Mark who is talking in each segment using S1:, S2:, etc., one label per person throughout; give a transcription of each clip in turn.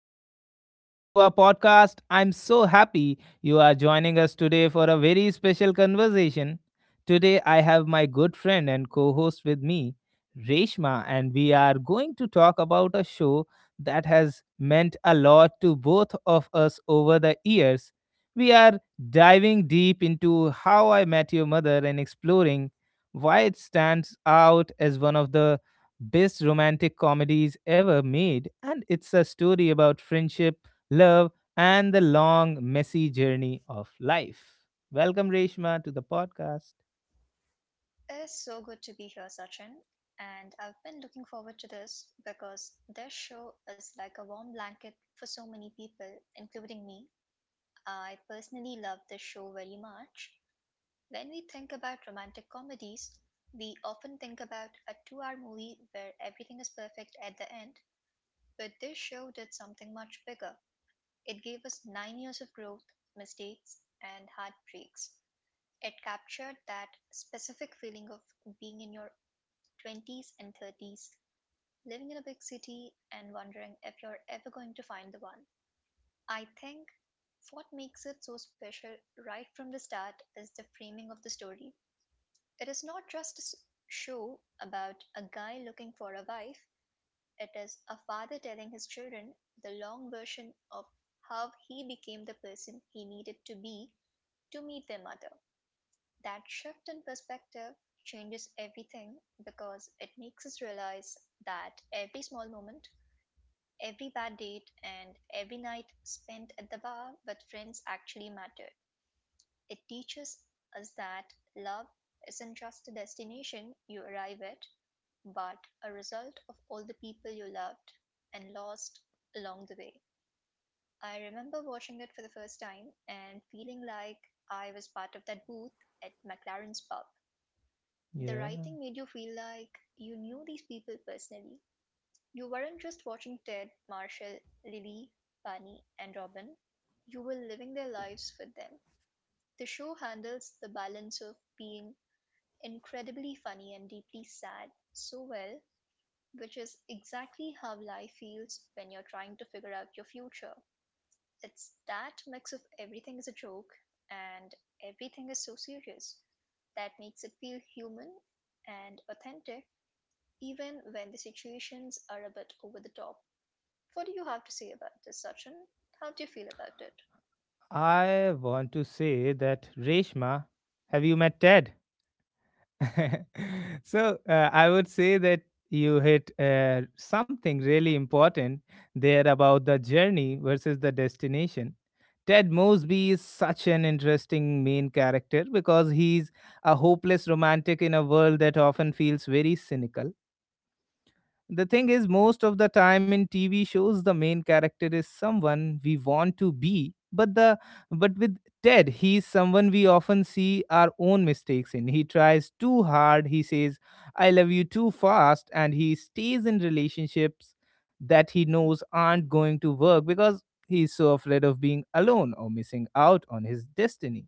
S1: everyone. Welcome to our podcast. I'm so happy you are joining us today for a very special conversation. Today, I have my good friend and co host with me, Reshma, and we are going to talk about a show that has meant a lot to both of us over the years. We are diving deep into how I met your mother and exploring why it stands out as one of the best romantic comedies ever made, and it's a story about friendship, love, and the long, messy journey of life. Welcome, Reshma, to the podcast.
S2: It is so good to be here, Sachin, and I've been looking forward to this because this show is like a warm blanket for so many people, including me. I personally love this show very much. When we think about romantic comedies, we often think about a 2 hour movie where everything is perfect at the end, but this show did something much bigger. It gave us 9 years of growth, mistakes, and heartbreaks. It captured that specific feeling of being in your 20s, and 30s, living in a big city and wondering if you're ever going to find the one. I think what makes it so special right from the start is the framing of the story. It is not just a show about a guy looking for a wife, it is a father telling his children the long version of how he became the person he needed to be to meet their mother. That shift in perspective changes everything because it makes us realize that every small moment, every bad date, and every night spent at the bar with friends actually mattered. It teaches us that love isn't just a destination you arrive at, but a result of all the people you loved and lost along the way. I remember watching it for the first time and feeling like I was part of that booth at McLaren's pub. The
S1: Yeah,
S2: writing made you feel like you knew these people personally. You weren't just watching Ted, Marshall, Lily, Bunny, and Robin. You were living their lives with them. The show handles the balance of being incredibly funny and deeply sad so well, which is exactly how life feels when you're trying to figure out your future. It's that mix of everything is a joke and everything is so serious that makes it feel human and authentic even when the situations are a bit over the top. What do you have to say about this, Sachin? How do you feel about
S1: I want to say that, Reshma, have you met Ted? I would say that you hit something really important there about the journey versus the destination. Ted Mosby is such an interesting main character because he's a hopeless romantic in a world that often feels very cynical. The thing is, most of the time in TV shows, the main character is someone we want to be, but the but with Ted, he's someone we often see our own mistakes in. He tries too hard. He says, "I love you" too fast, and he stays in relationships that he knows aren't going to work because he's so afraid of being alone or missing out on his destiny.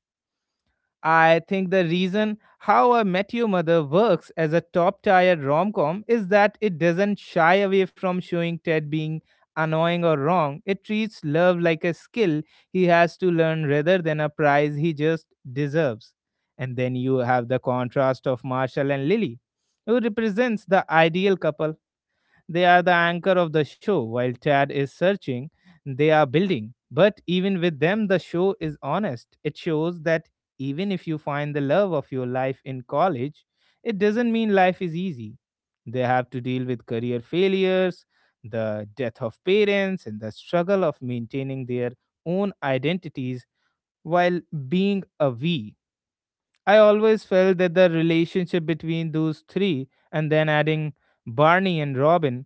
S1: I think the reason How I Met Your Mother works as a top tier rom com is that it doesn't shy away from showing Ted being annoying or wrong. It treats love like a skill he has to learn rather than a prize he just deserves. And then you have the contrast of Marshall and Lily, who represents the ideal couple. They are the anchor of the show. While Chad is searching, they are building. But even with them, the show is honest. It shows that even if you find the love of your life in college, it doesn't mean life is easy. They have to deal with career failures, the death of parents, and the struggle of maintaining their own identities while being a we. I always felt that the relationship between those three, and then adding Barney and Robin,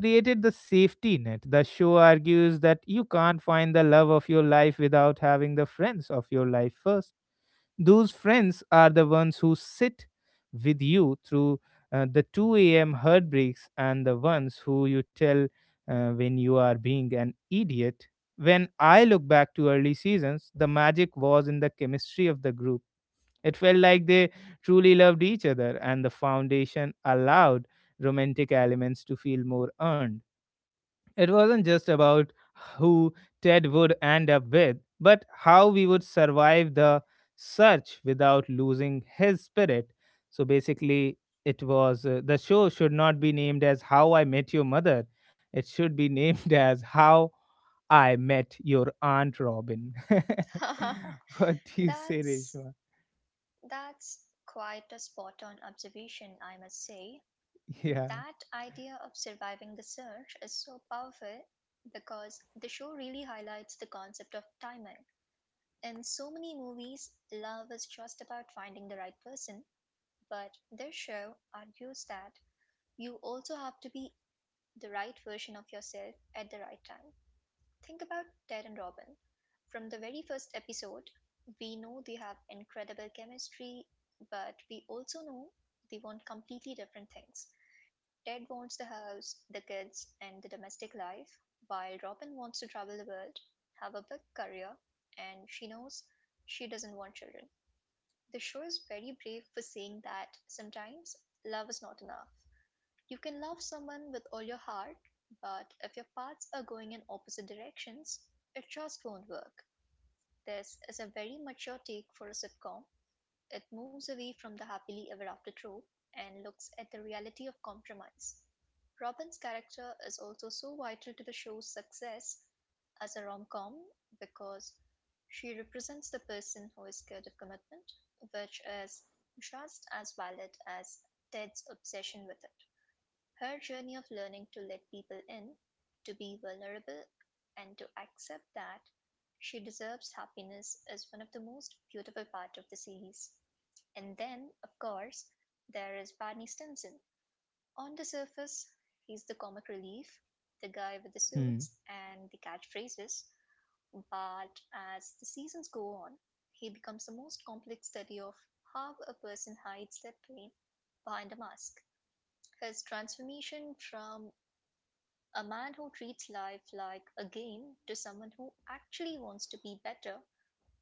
S1: created the safety net. The show argues that you can't find the love of your life without having the friends of your life first. Those friends are the ones who sit with you through the 2 a.m. heartbreaks and the ones who you tell when you are being an idiot. When I look back to early seasons, the magic was in the chemistry of the group. It felt like they truly loved each other, and the foundation allowed romantic elements to feel more earned. It wasn't just about who Ted would end up with, but how we would survive the search without losing his spirit. So basically, it was the show should not be named as How I Met Your Mother. It should be named as How I Met Your Aunt Robin.
S2: it?
S1: What do you say,
S2: that's
S1: Reshma?
S2: that's quite a spot on observation, I must say.
S1: Yeah.
S2: That idea of surviving the surge is so powerful because the show really highlights the concept of timing. In so many movies, love is just about finding the right person, but this show argues that you also have to be the right version of yourself at the right time. Think about Ted and Robin. From the very first episode, we know they have incredible chemistry, but we also know they want completely different things. Ted wants the house, the kids, and the domestic life, while Robin wants to travel the world, have a big career, and she knows she doesn't want children. The show is very brave for saying that sometimes love is not enough. You can love someone with all your heart, but if your paths are going in opposite directions, it just won't work. This is a very mature take for a sitcom. It moves away from the happily ever after trope and looks at the reality of compromise. Robin's character is also so vital to the show's success as a rom com because she represents the person who is scared of commitment, which is just as valid as Ted's obsession with it. Her journey of learning to let people in, to be vulnerable, and to accept that she deserves happiness is one of the most beautiful parts of the series. And then, of course, there is Barney Stinson. On the surface, he's the comic relief, the guy with the
S1: Hmm.
S2: suits and the catchphrases, but as the seasons go on, he becomes the most complex study of how a person hides their pain behind a mask. His transformation from a man who treats life like a game to someone who actually wants to be better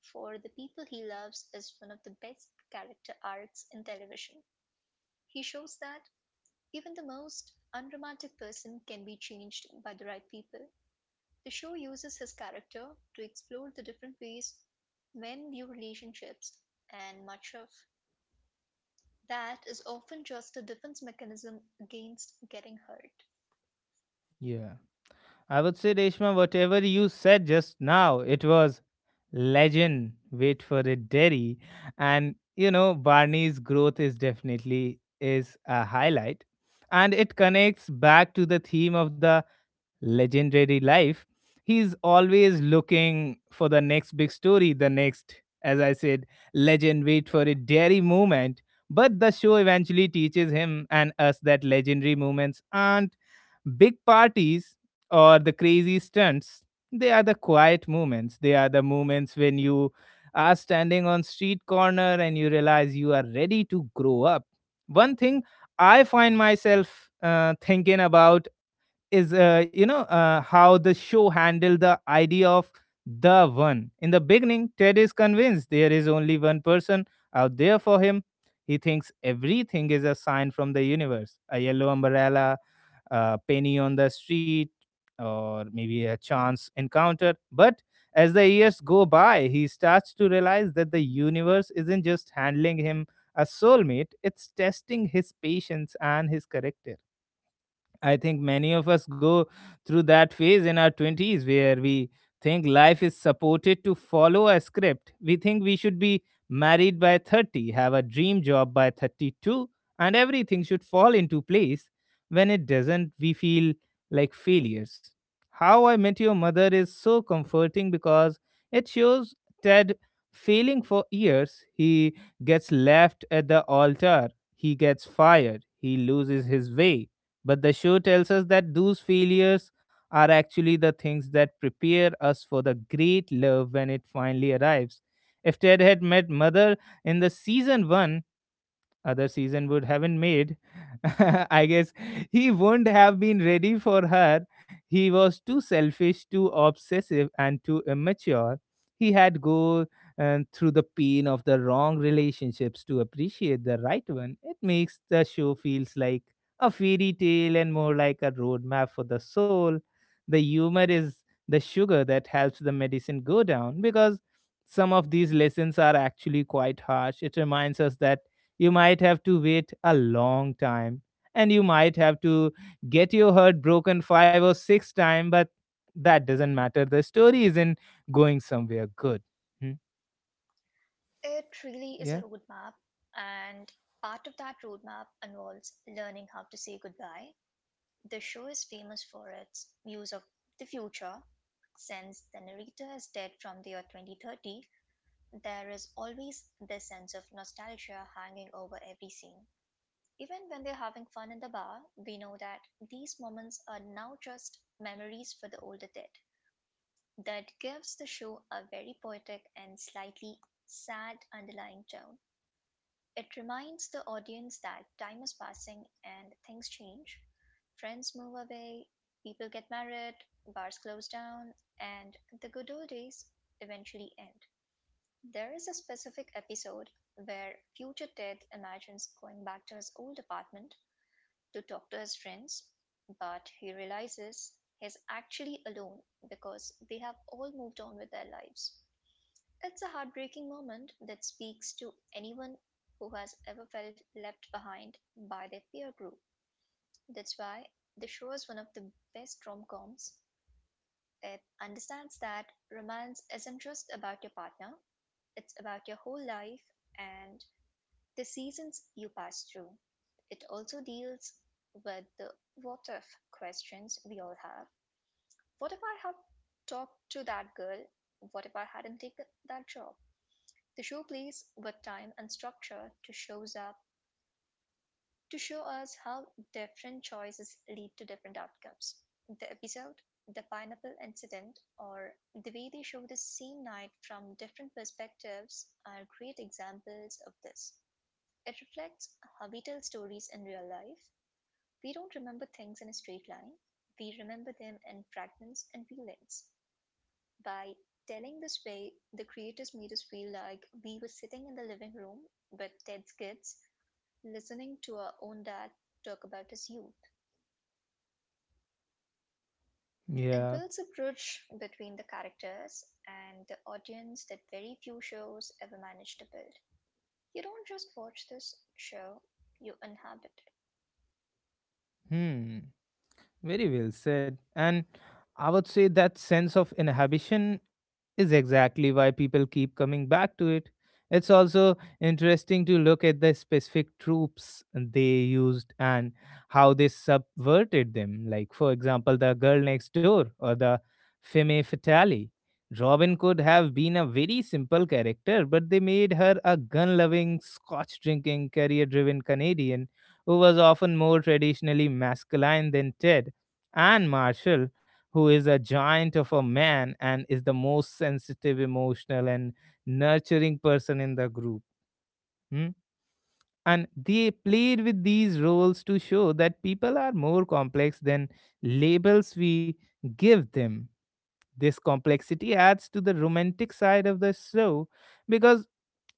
S2: for the people he loves is one of the best character arcs in television. He shows that even the most unromantic person can be changed by the right people. The show uses his character to explore the different ways men view relationships, and much of that is often just a defense mechanism against getting hurt.
S1: Yeah, I would say, Reshma, whatever you said just now, it was legend. Wait for it, Derry. And, you know, Barney's growth is definitely is a highlight. And it connects back to the theme of the legendary life. He's always looking for the next big story, the next, as I said, legend, wait for it, Derry moment. But the show eventually teaches him and us that legendary moments aren't big parties or the crazy stunts, they are the quiet moments. They are the moments when you are standing on street corner and you realize you are ready to grow up. One thing I find myself thinking about is how the show handled the idea of the one. In the beginning, Ted is convinced there is only one person out there for him. He thinks everything is a sign from the universe, a yellow umbrella, a penny on the street, or maybe a chance encounter, but as the years go by he starts to realize that the universe isn't just handling him a soulmate, it's testing his patience and his character. I think many of us go through that phase in our 20s where we think life is supported to follow a script. We think we should be married by 30, have a dream job by 32, and everything should fall into place. When it doesn't, we feel like failures. How I Met Your Mother is so comforting because it shows Ted failing for years. He gets left at the altar, he gets fired, he loses his way, but the show tells us that those failures are actually the things that prepare us for the great love when it finally arrives. If Ted had met Mother in the season 1, other season would haven't made. I guess he wouldn't have been ready for her. He was too selfish, too obsessive, and too immature. He had go through the pain of the wrong relationships to appreciate the right one. It makes the show feels like a fairy tale and more like a roadmap for the soul. The humor is the sugar that helps the medicine go down because some of these lessons are actually quite harsh. It reminds us that you might have to wait a long time and you might have to get your heart broken 5 or 6 times, but that doesn't matter. The story isn't going somewhere good. Hmm?
S2: It really is a
S1: Yeah?
S2: roadmap, and part of that roadmap involves learning how to say goodbye. The show is famous for its views of the future. Since the narrator is dead from the year 2030, there is always this sense of nostalgia hanging over every scene. Even when they're having fun in the bar, we know that these moments are now just memories for the older dead. That gives the show a very poetic and slightly sad underlying tone. It reminds the audience that time is passing and things change. Friends move away, people get married, bars close down, and the good old days eventually end. There is a specific episode where future Ted imagines going back to his old apartment to talk to his friends, but he realizes he's actually alone because they have all moved on with their lives. It's a heartbreaking moment that speaks to anyone who has ever felt left behind by their peer group. That's why the show is one of the best rom coms. It understands that romance isn't just about your partner, it's about your whole life and the seasons you pass through. It also deals with the what if questions we all have. What if I had talked to that girl? What if I hadn't taken that job? The show plays with time and structure to show us how different choices lead to different outcomes. The episode, the pineapple incident, or the way they show the same night from different perspectives are great examples of this. It reflects how we tell stories in real life. We don't remember things in a straight line. We remember them in fragments and feelings. By telling this way, the creators made us feel like we were sitting in the living room with Ted's kids, listening to our own dad talk about his youth. It
S1: Yeah.
S2: builds a bridge between the characters and the audience that very few shows ever manage to build. You don't just watch this show, you inhabit it.
S1: Hmm. Very well said. And I would say that sense of inhibition is exactly why people keep coming back to it. It's also interesting to look at the specific troops they used and how they subverted them. Like, for example, the girl next door or the femme fatale. Robin could have been a very simple character, but they made her a gun loving, scotch drinking, career driven Canadian who was often more traditionally masculine than Ted, and Marshall, who is a giant of a man and is the most sensitive, emotional, and nurturing person in the group. Hmm? And they played with these roles to show that people are more complex than labels we give them. This complexity adds to the romantic side of the show because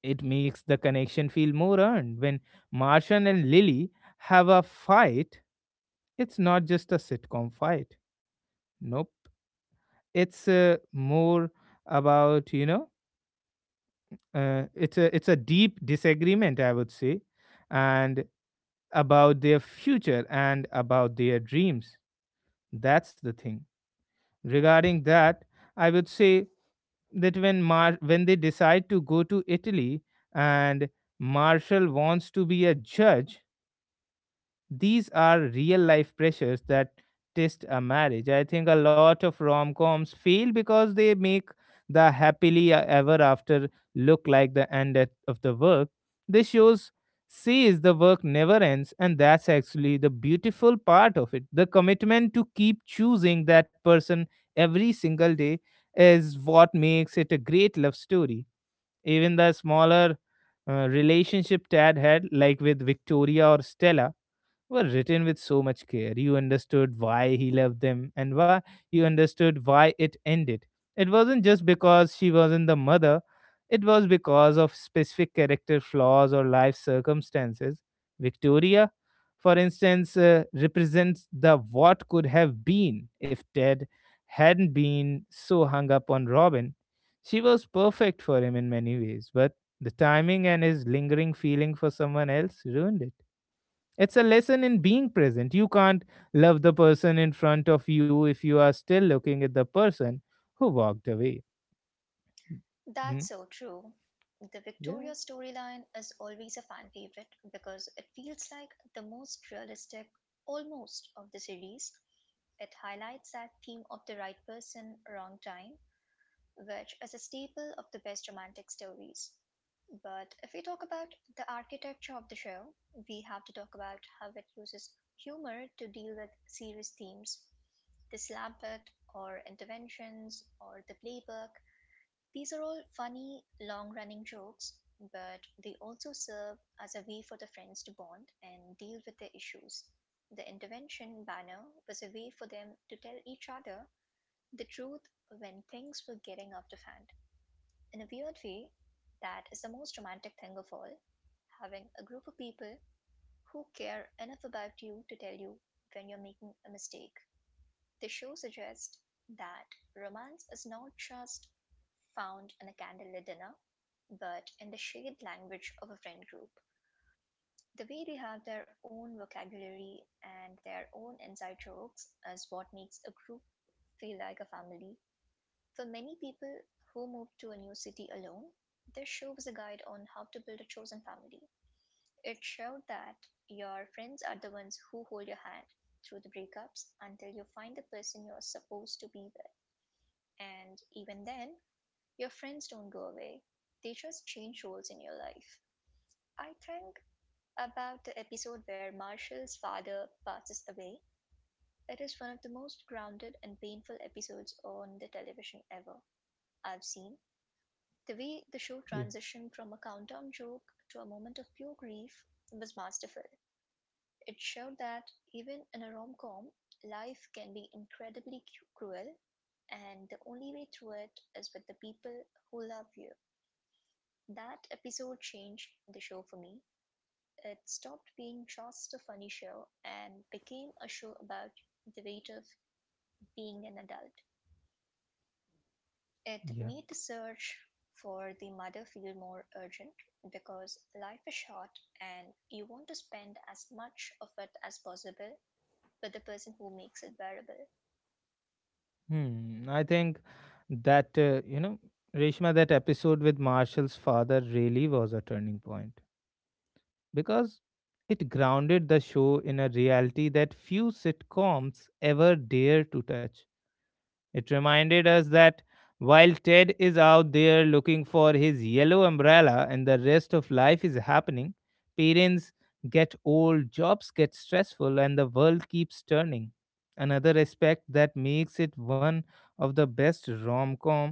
S1: it makes the connection feel more earned. When Martian and Lily have a fight, it's not just a sitcom fight. Nope, it's more about it's a deep disagreement, I would say, and about their future and about their dreams. That's the thing. Regarding that, I would say that when when they decide to go to Italy and Marshall wants to be a judge. These are real life pressures that test a marriage. I think a lot of rom coms fail because they make the ever after look like the end of the work. This shows says the work never ends, and that's actually the beautiful part of it. The commitment to keep choosing that person every single day is what makes it a great love story. Even the smaller relationship Tad had, like with Victoria or Stella, were written with so much care. You understood why he loved them and why you understood why it ended. It wasn't just because she wasn't the mother, it was because of specific character flaws or life circumstances. Victoria, for instance, represents the what could have been if Ted hadn't been so hung up on Robin. She was perfect for him in many ways, but the timing and his lingering feeling for someone else ruined it. It's a lesson in being present. You can't love the person in front of you if you are still looking at the person who walked away. Hmm?
S2: That's so true. The
S1: Yeah,
S2: Victoria storyline is always a fan favorite because it feels like the most realistic, almost, of the series. It highlights that theme of the right person, wrong time, which is a staple of the best romantic stories. But if we talk about the architecture of the show, we have to talk about how it uses humor to deal with serious themes, the slam bit, or interventions, or the playbook. These are all funny, long running jokes, but they also serve as a way for the friends to bond and deal with their issues. The intervention banner was a way for them to tell each other the truth when things were getting out of hand. In a weird way, that is the most romantic thing of all, having a group of people who care enough about you to tell you when you're making a mistake. The show suggests that romance is not just found in a candlelit dinner, but in the shared language of a friend group. The way they have their own vocabulary and their own inside jokes is what makes a group feel like a family. For many people who move to a new city alone, this show was a guide on how to build a chosen family. It showed that your friends are the ones who hold your hand through the breakups until you find the person you're supposed to be with. And even then, your friends don't go away. They just change roles in your life. I think about the episode where Marshall's father passes away. It is one of the most grounded and painful episodes on the television ever I've seen. The way the show
S1: yeah,
S2: transitioned from a countdown joke to a moment of pure grief was masterful. It showed that even in a rom com, life can be incredibly cruel, and the only way through it is with the people who love you. That episode changed the show for me. It stopped being just a funny show and became a show about the weight of being an adult. It
S1: yeah.
S2: made the search for the mother feel more urgent because life is short and you want to spend as much of it as possible with the person who makes it bearable.
S1: Hmm. I think that, Reshma, that episode with Marshall's father really was a turning point because it grounded the show in a reality that few sitcoms ever dare to touch. It reminded us that while Ted is out there looking for his yellow umbrella and the rest of life is happening, parents get old, jobs get stressful, and the world keeps turning. Another aspect that makes it one of the best rom com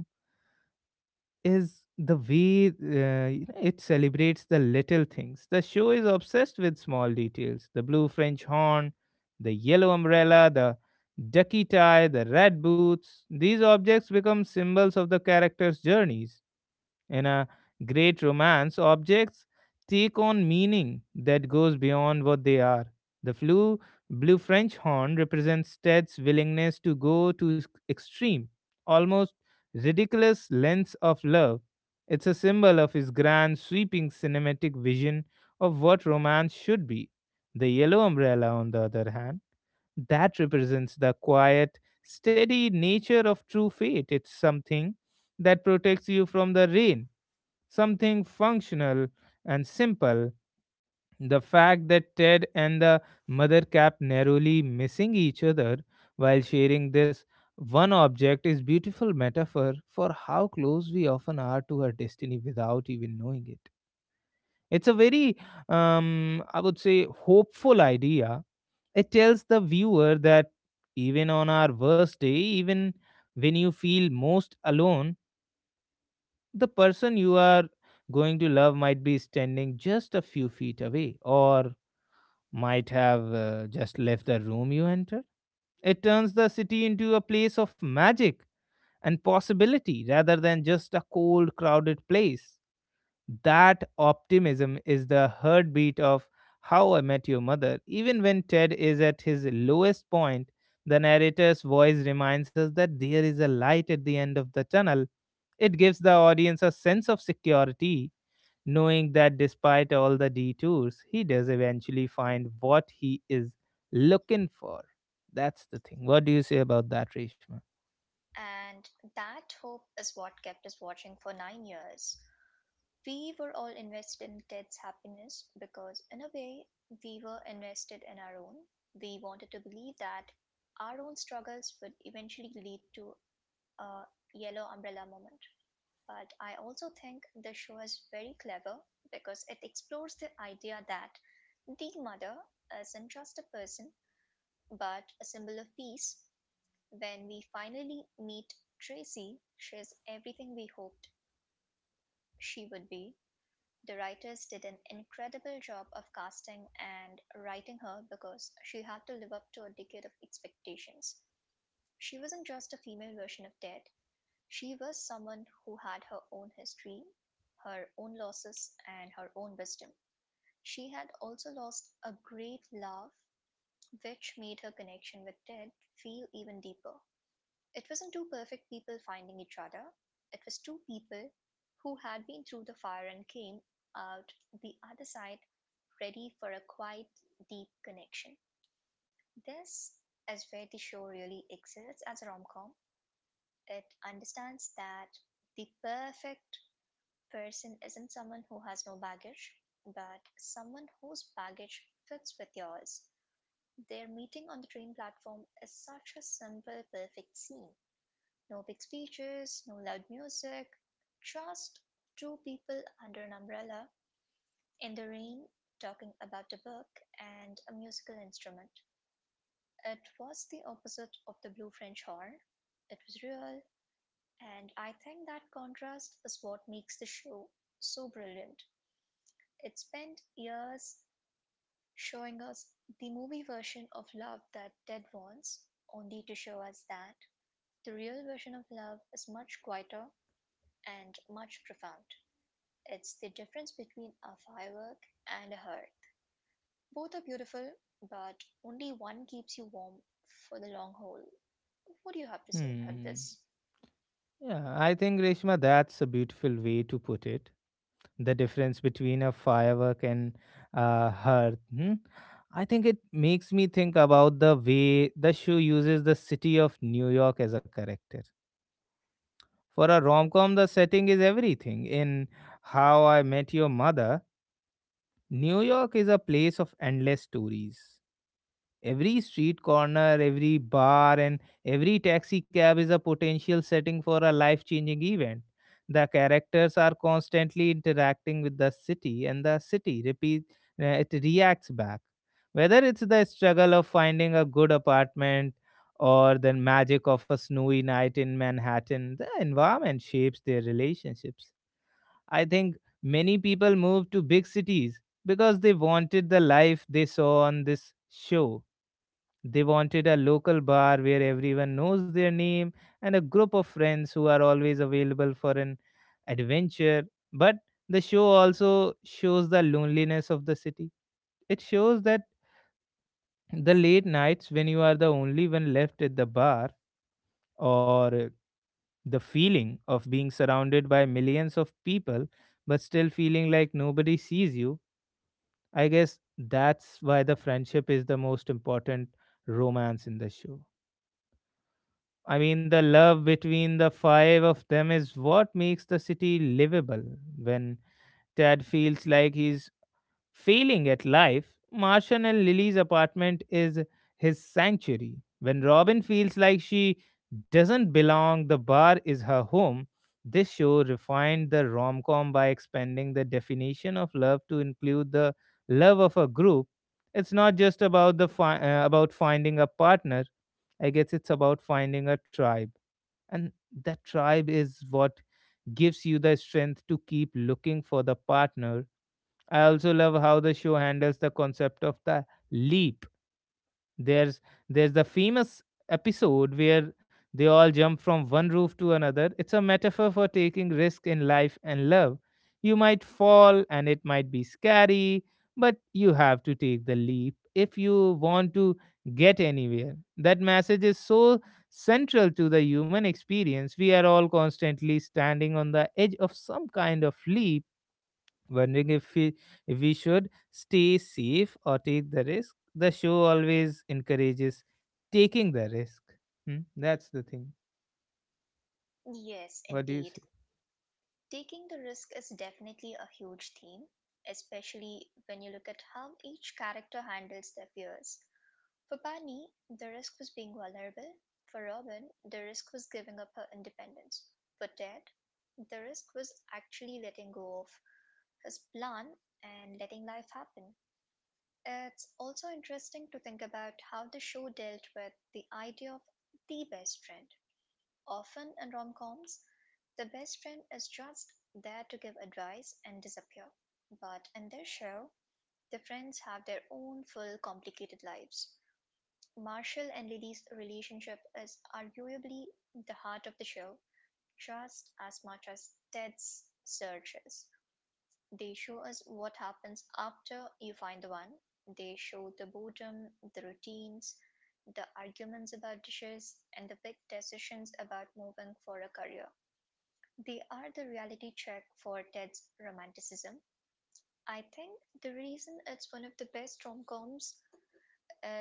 S1: is the way it celebrates the little things. The show is obsessed with small details, the blue French horn, the yellow umbrella, the ducky tie, the red boots. These objects become symbols of the characters' journeys. In a great romance, objects take on meaning that goes beyond what they are. The blue French horn represents Ted's willingness to go to extreme, almost ridiculous lengths of love. It's a symbol of his grand, sweeping cinematic vision of what romance should be. The yellow umbrella, on the other hand, that represents the quiet, steady nature of true fate. It's something that protects you from the rain, something functional and simple. The fact that Ted and the mother kept narrowly missing each other while sharing this one object is beautiful metaphor for how close we often are to our destiny without even knowing it. It's a very, I would say, hopeful idea. It tells the viewer that even on our worst day, even when you feel most alone, the person you are going to love might be standing just a few feet away or might have just left the room you enter. It turns the city into a place of magic and possibility rather than just a cold, crowded place. That optimism is the heartbeat of How I Met Your Mother. Even when Ted is at his lowest point, the narrator's voice reminds us that there is a light at the end of the tunnel. It gives the audience a sense of security knowing that despite all the detours, he does eventually find what he is looking for. That's the thing. What do you say about that, Reshma?
S2: And that hope is what kept us watching for 9 years. We were all invested in Ted's happiness because, in a way, we were invested in our own. We wanted to believe that our own struggles would eventually lead to a yellow umbrella moment. But I also think the show is very clever because it explores the idea that the mother isn't just a person but a symbol of peace. When we finally meet Tracy, she is everything we hoped she would be. The writers did an incredible job of casting and writing her because she had to live up to a decade of expectations. She wasn't just a female version of Death, she was someone who had her own history, her own losses, and her own wisdom. She had also lost a great love, which made her connection with Death feel even deeper. It wasn't two perfect people finding each other, it was two people who had been through the fire and came out the other side ready for a quiet, deep connection. This is where the show really excels as a rom com. It understands that the perfect person isn't someone who has no baggage, but someone whose baggage fits with yours. Their meeting on the train platform is such a simple, perfect scene. No big speeches, no loud music, just two people under an umbrella in the rain talking about a book and a musical instrument. It was the opposite of the blue French horn. It was real, and I think that contrast is what makes the show so brilliant. It spent years showing us the movie version of love that Ted wants, only to show us that the real version of love is much quieter and much profound. It's the difference between a firework and a hearth. Both are beautiful, but only one keeps you warm for the long haul. What do you have to say about
S1: Hmm.
S2: this?
S1: Yeah, I think, Reshma, that's a beautiful way to put it. The difference between a firework and hearth. Hmm? I think it makes me think about the way the show uses the city of New York as a character. For a rom com, the setting is everything. In How I Met Your Mother, New York is a place of endless stories. Every street corner, every bar, and every taxi cab is a potential setting for a life changing event. The characters are constantly interacting with the city, and it reacts back. Whether it's the struggle of finding a good apartment or the magic of a snowy night in Manhattan, the environment shapes their relationships. I think many people moved to big cities because they wanted the life they saw on this show. They wanted a local bar where everyone knows their name and a group of friends who are always available for an adventure. But the show also shows the loneliness of the city. It shows that the late nights when you are the only one left at the bar or the feeling of being surrounded by millions of people but still feeling like nobody sees you. I guess that's why the friendship is the most important romance in the show. I mean the love between the five of them is what makes the city livable when Ted feels like he's failing at life, Martian and Lily's apartment is his sanctuary. When Robin feels like she doesn't belong, the bar is her home. This show refined the rom com by expanding the definition of love to include the love of a group. It's not just about about finding a partner. I guess it's about finding a tribe, and that tribe is what gives you the strength to keep looking for the partner. I also love how the show handles the concept of the leap. There's there's the famous episode where they all jump from one roof to another. It's a metaphor for taking risk in life and love. You might fall and it might be scary, but you have to take the leap if you want to get anywhere. That message is so central to the human experience. We are all constantly standing on the edge of some kind of leap wondering if we should stay safe or take the risk. The show always encourages taking the risk. Hmm? That's the thing.
S2: Yes,
S1: What do you
S2: indeed.
S1: say?
S2: Taking the risk is definitely a huge theme, especially when you look at how each character handles their fears. For Barney, the risk was being vulnerable. For Robin, the risk was giving up her independence. For Ted, the risk was actually letting go of his plan, and letting life happen. It's also interesting to think about how the show dealt with the idea of the best friend. Often in rom coms, the best friend is just there to give advice and disappear. But in this show, the friends have their own full complicated lives. Marshall and Lily's relationship is arguably the heart of the show, just as much as Ted's searches. They show us what happens after you find the one. They show the boredom, the routines, the arguments about dishes, and the big decisions about moving for a career. They are the reality check for Ted's romanticism. I think the reason it's one of the best rom coms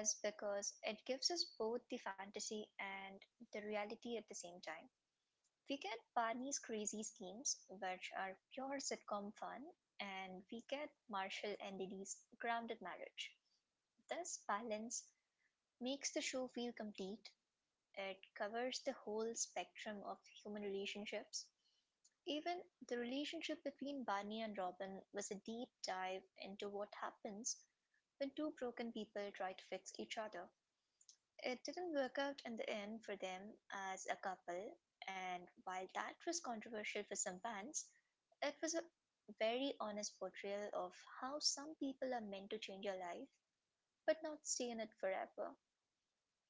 S2: is because it gives us both the fantasy and the reality at the same time. We get Barney's crazy schemes, which are pure sitcom fun, and we get Marshall and Lily's grounded marriage. This balance makes the show feel complete. It covers the whole spectrum of human relationships. Even the relationship between Barney and Robin was a deep dive into what happens when two broken people try to fix each other. It didn't work out in the end for them as a couple, and while that was controversial for some fans, it was a very honest portrayal of how some people are meant to change your life but not stay in it forever.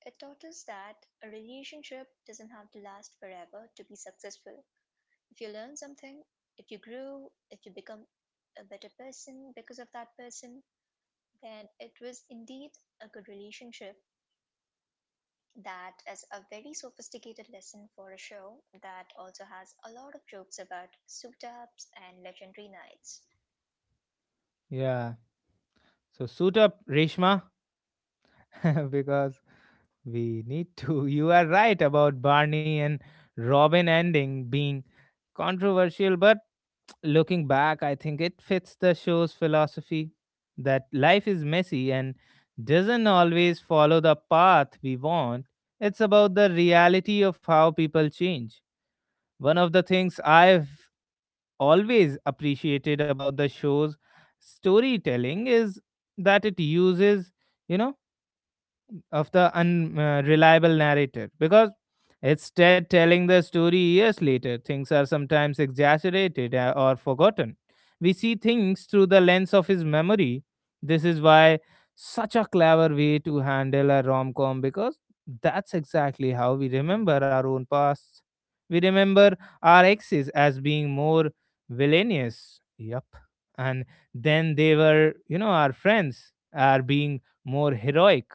S2: It taught us that a relationship doesn't have to last forever to be successful. If you learn something, if you grew, if you become a better person because of that person, then it was indeed a good relationship. That is a very sophisticated lesson for a show that also has a lot of jokes about souped ups and legendary knights.
S1: Yeah. So suit up, Reshma, because we need to. You are right about Barney and Robin ending being controversial, but looking back, I think it fits the show's philosophy that life is messy and doesn't always follow the path we want. It's about the reality of how people change. One of the things I've always appreciated about the show's storytelling is that it uses, you know, of the unreliable narrator because instead telling the story years later, things are sometimes exaggerated or forgotten. We see things through the lens of his memory. This is why such a clever way to handle a rom-com, because that's exactly how we remember our own past. We remember our exes as being more villainous, yep, and then they were, you know, our friends are being more heroic.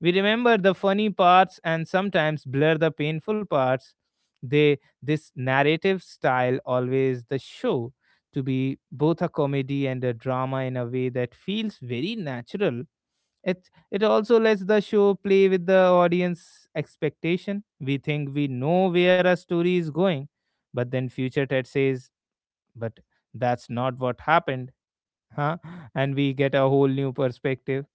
S1: We remember the funny parts and sometimes blur the painful parts. They this narrative style always the show to be both a comedy and a drama in a way that feels very natural. It also lets the show play with the audience expectation. We think we know where a story is going, but then future Ted says, "But that's not what happened, huh?" And we get a whole new perspective.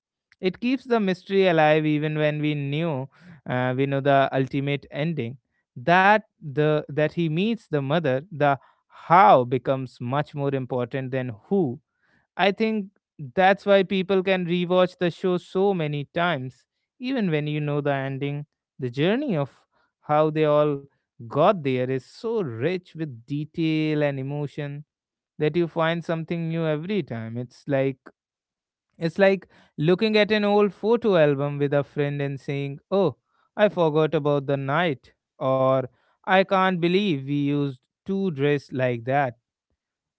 S1: It keeps the mystery alive even when we knew we know the ultimate ending. That the that he meets the mother, the how becomes much more important than who. I think that's why people can rewatch the show so many times, even when you know the ending. The journey of how they all got there is so rich with detail and emotion that you find something new every time. It's like looking at an old photo album with a friend and saying, "Oh, I forgot about the night," or "I can't believe we used to dress like that."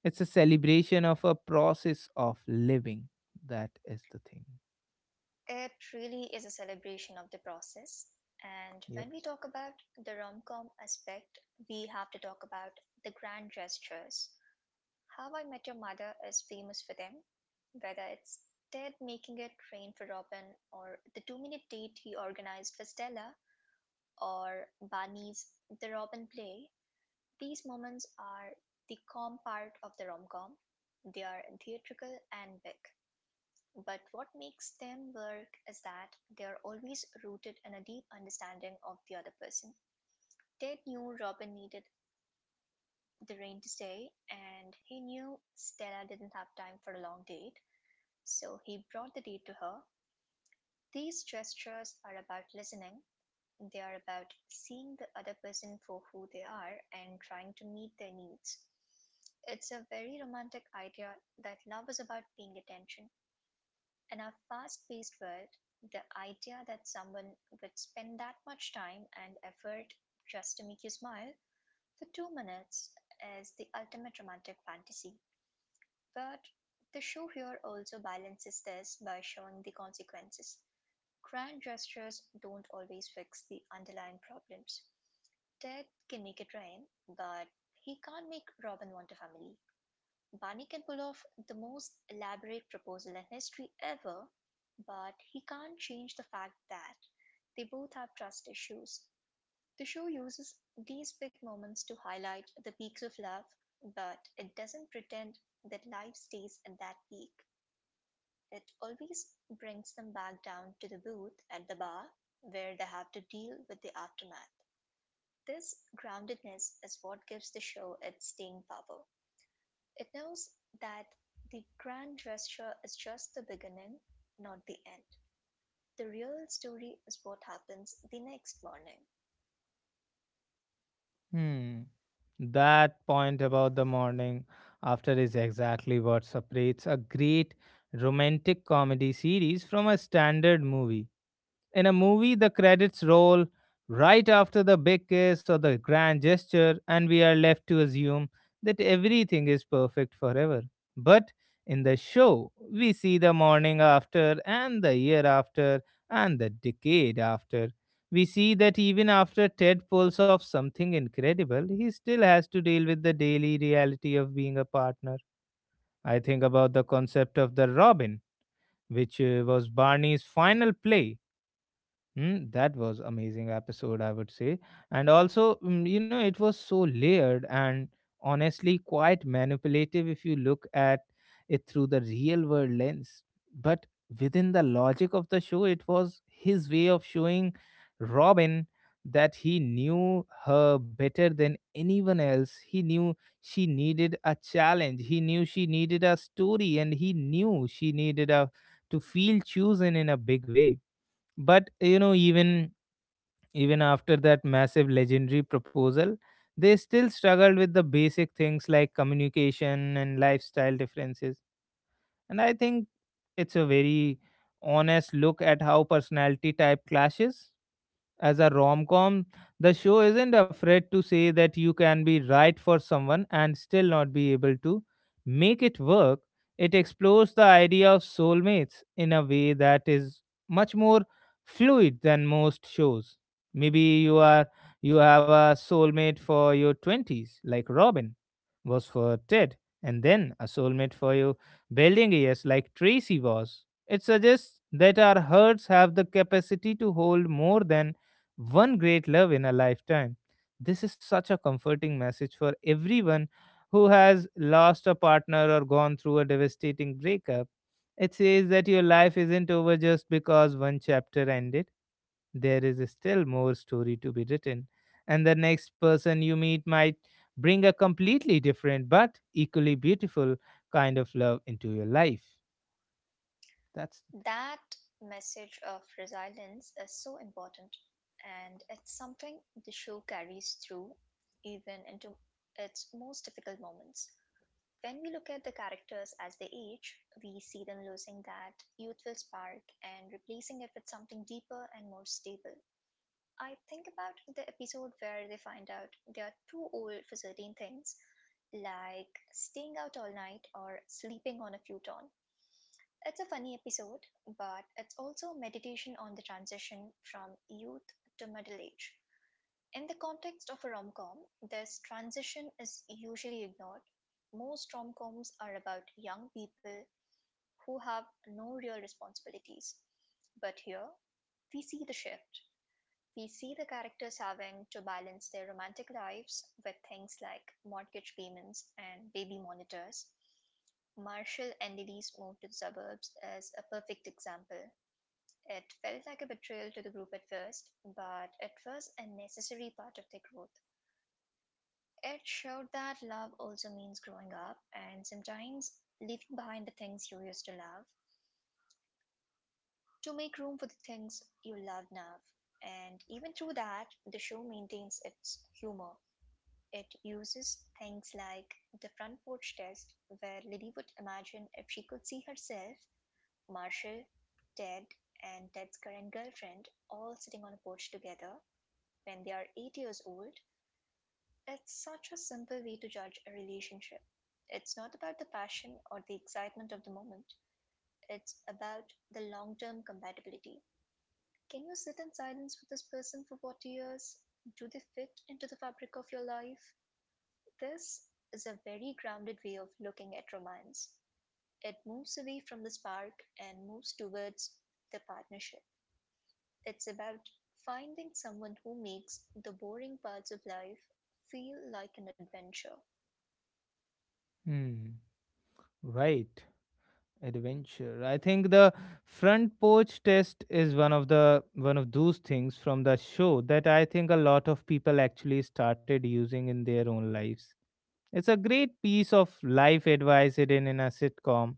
S1: It's a celebration of a process of living. That is the thing.
S2: It really is a celebration of the process. And
S1: Yep.
S2: when we talk about the rom com aspect, we have to talk about the grand gestures. How I Met Your Mother is famous for them, whether it's Ted making it rain for Robin, or the 2-minute date he organized for Stella, or Barney's The Robin Play. These moments are the calm part of the rom-com. They are theatrical and big, but what makes them work is that they are always rooted in a deep understanding of the other person. Ted knew Robin needed the rain to stay, and he knew Stella didn't have time for a long date, so he brought the date to her. These gestures are about listening. They are about seeing the other person for who they are and trying to meet their needs. It's a very romantic idea that love is about paying attention. In our fast paced world, the idea that someone would spend that much time and effort just to make you smile for 2 minutes is the ultimate romantic fantasy. But the show here also balances this by showing the consequences. Grand gestures don't always fix the underlying problems. Ted can make it rain, but he can't make Robin want a family. Barney can pull off the most elaborate proposal in history ever, but he can't change the fact that they both have trust issues. The show uses these big moments to highlight the peaks of love, but it doesn't pretend that life stays at that peak. It always brings them back down to the booth at the bar where they have to deal with the aftermath. This groundedness is what gives the show its staying power. It knows that the grand gesture is just the beginning, not the end. The real story is what happens the next morning.
S1: Hmm. That point about the morning after is exactly what separates a great romantic comedy series from a standard movie. In a movie, the credits roll right after the big kiss or the grand gesture, and we are left to assume that everything is perfect forever. But in the show, we see the morning after, and the year after, and the decade after. We see that even after Ted pulls off something incredible, he still has to deal with the daily reality of being a partner. I think about the concept of the Robin, which was Barney's final play. Mm, that was amazing episode, I would say. And also, mm, you know, it was so layered and honestly quite manipulative if you look at it through the real world lens. But within the logic of the show, it was his way of showing Robin that he knew her better than anyone else. He knew she needed a challenge. He knew she needed a story and he knew she needed a to feel chosen in a big way. But you know, even even after that massive legendary proposal, they still struggled with the basic things like communication and lifestyle differences. And I think it's a very honest look at how personality type clashes. As a rom com, the show isn't afraid to say that you can be right for someone and still not be able to make it work. It explores the idea of soulmates in a way that is much more fluid than most shows. Maybe you are you have a soulmate for your 20s like Robin was for Ted, and then a soulmate for your building years like Tracy was. It suggests that our hearts have the capacity to hold more than one great love in a lifetime. This is such a comforting message for everyone who has lost a partner or gone through a devastating breakup. It says that your life isn't over just because one chapter ended. There is still more story to be written, and the next person you meet might bring a completely different but equally beautiful kind of love into your life. That's
S2: That message of resilience is so important, and it's something the show carries through even into its most difficult moments. When we look at the characters as they age, we see them losing that youthful spark and replacing it with something deeper and more stable. I think about the episode where they find out they are too old for certain things, like staying out all night or sleeping on a futon. It's a funny episode, but it's also a meditation on the transition from youth to middle age. In the context of a rom-com, this transition is usually ignored. Most rom-coms are about young people who have no real responsibilities. But here, we see the shift. We see the characters having to balance their romantic lives with things like mortgage payments and baby monitors. Marshall and Lily's move to the suburbs is a perfect example. It felt like a betrayal to the group at first, but it was a necessary part of their growth. It showed that love also means growing up and sometimes leaving behind the things you used to love to make room for the things you love now. And even through that, the show maintains its humor. It uses things like the front porch test, where Lily would imagine if she could see herself, Marshall, Ted, and Ted's current girlfriend all sitting on a porch together when they are 8 years old. It's such a simple way to judge a relationship. It's not about the passion or the excitement of the moment, it's about the long term compatibility. Can you sit in silence with this person for 40 years? Do they fit into the fabric of your life? This is a very grounded way of looking at romance. It moves away from the spark and moves towards the partnership. It's about finding someone who makes the boring parts of life feel like an adventure.
S1: hmm, right. Adventure, I think the front porch test is one of those things from the show that I think a lot of people actually started using in their own lives. It's a great piece of life advice hidden in a sitcom.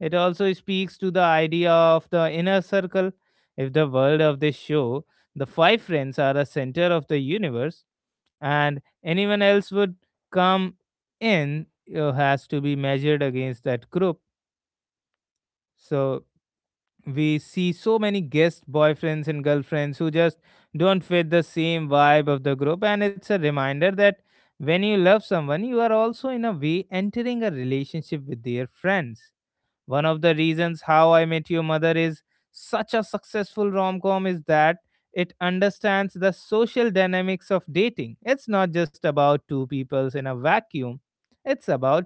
S1: It also speaks to the idea of the inner circle. If the world of this show, the five friends are the center of the universe and anyone else would come in has to be measured against that group. So we see so many guest boyfriends and girlfriends who just don't fit the same vibe of the group, and it's a reminder that when you love someone, you are also in a way entering a relationship with their friends. One of the reasons How I Met Your Mother is such a successful rom-com is that it understands the social dynamics of dating. It's not just about two peoples in a vacuum, it's about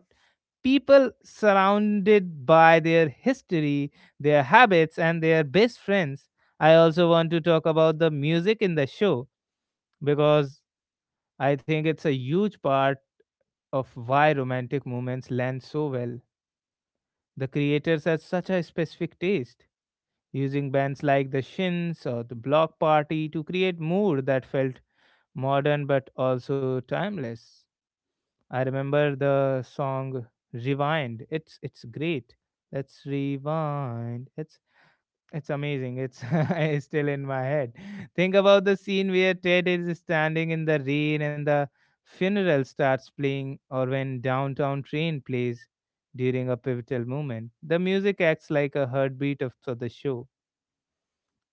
S1: people surrounded by their history, their habits, and their best friends. I also want to talk about the music in the show because I think it's a huge part of why romantic moments land so well. The creators had such a specific taste, using bands like The Shins or The Block Party to create mood that felt modern but also timeless. I remember the song Rewind. It's great. Let's rewind. It's amazing. It's it's still in my head. Think about the scene where Ted is standing in the rain and the funeral starts playing or when downtown train plays during a pivotal moment. The music acts like a heartbeat of for the show.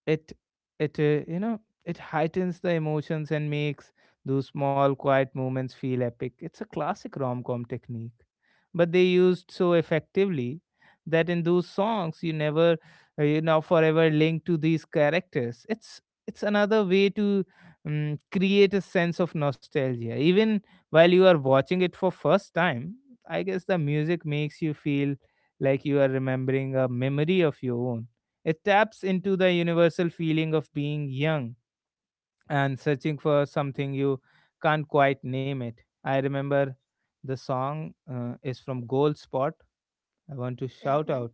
S1: It it uh, you know it heightens the emotions and makes those small quiet moments feel epic. It's a classic rom-com technique, but they used so effectively that in those songs you never, forever linked to these characters. It's another way to create a sense of nostalgia even while you are watching it for first time. I guess the music makes you feel like you are remembering a memory of your own. It taps into the universal feeling of being young and searching for something you can't quite name it. I remember the song is from Gold Spot. I want to shout
S2: Hmm.
S1: out,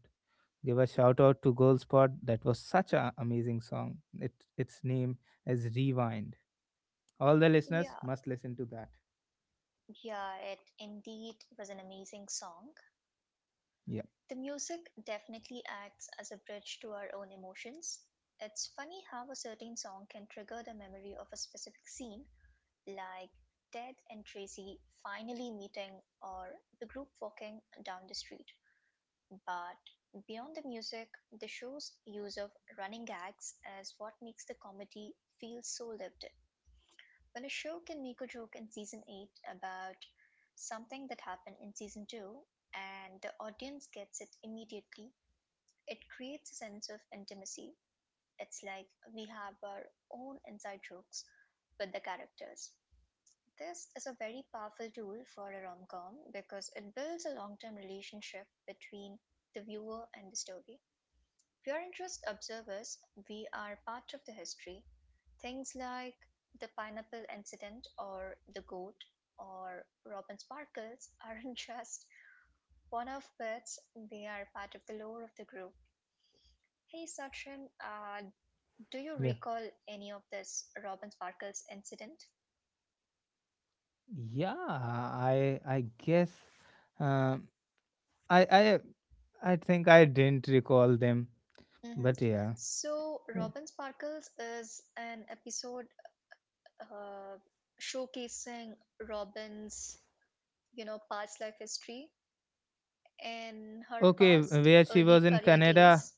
S1: give a shout out to Gold Spot. That was such an amazing song. It its name is Rewind. All the listeners
S2: Yeah,
S1: must listen to that.
S2: yeah, it indeed was an amazing song.
S1: Yeah,
S2: The music definitely acts as a bridge to our own emotions. It's funny how a certain song can trigger the memory of a specific scene, like Ted and Tracy finally meeting or the group walking down the street. But beyond the music, the show's use of running gags is what makes the comedy feel so lived. When a show can make a joke in season 8 about something that happened in season 2 and the audience gets it immediately, it creates a sense of intimacy. It's like we have our own inside jokes with the characters. This is a very powerful tool for a rom com because it builds a long term relationship between the viewer and the story. Pure interest observers, we are part of the history. Things like the pineapple incident or the goat or Robin Sparkles aren't just one off bits, they are part of the lore of the group. Hey Sachin, do you
S1: yeah,
S2: recall any of this Robin Sparkles incident?
S1: yeah. I guess um, I I I think I didn't recall them,
S2: hmm
S1: but yeah.
S2: So, Robin Sparkles is an episode uh, showcasing Robin's past life history in her
S1: Okay,
S2: past
S1: where she
S2: early
S1: was in
S2: career
S1: Canada.
S2: days.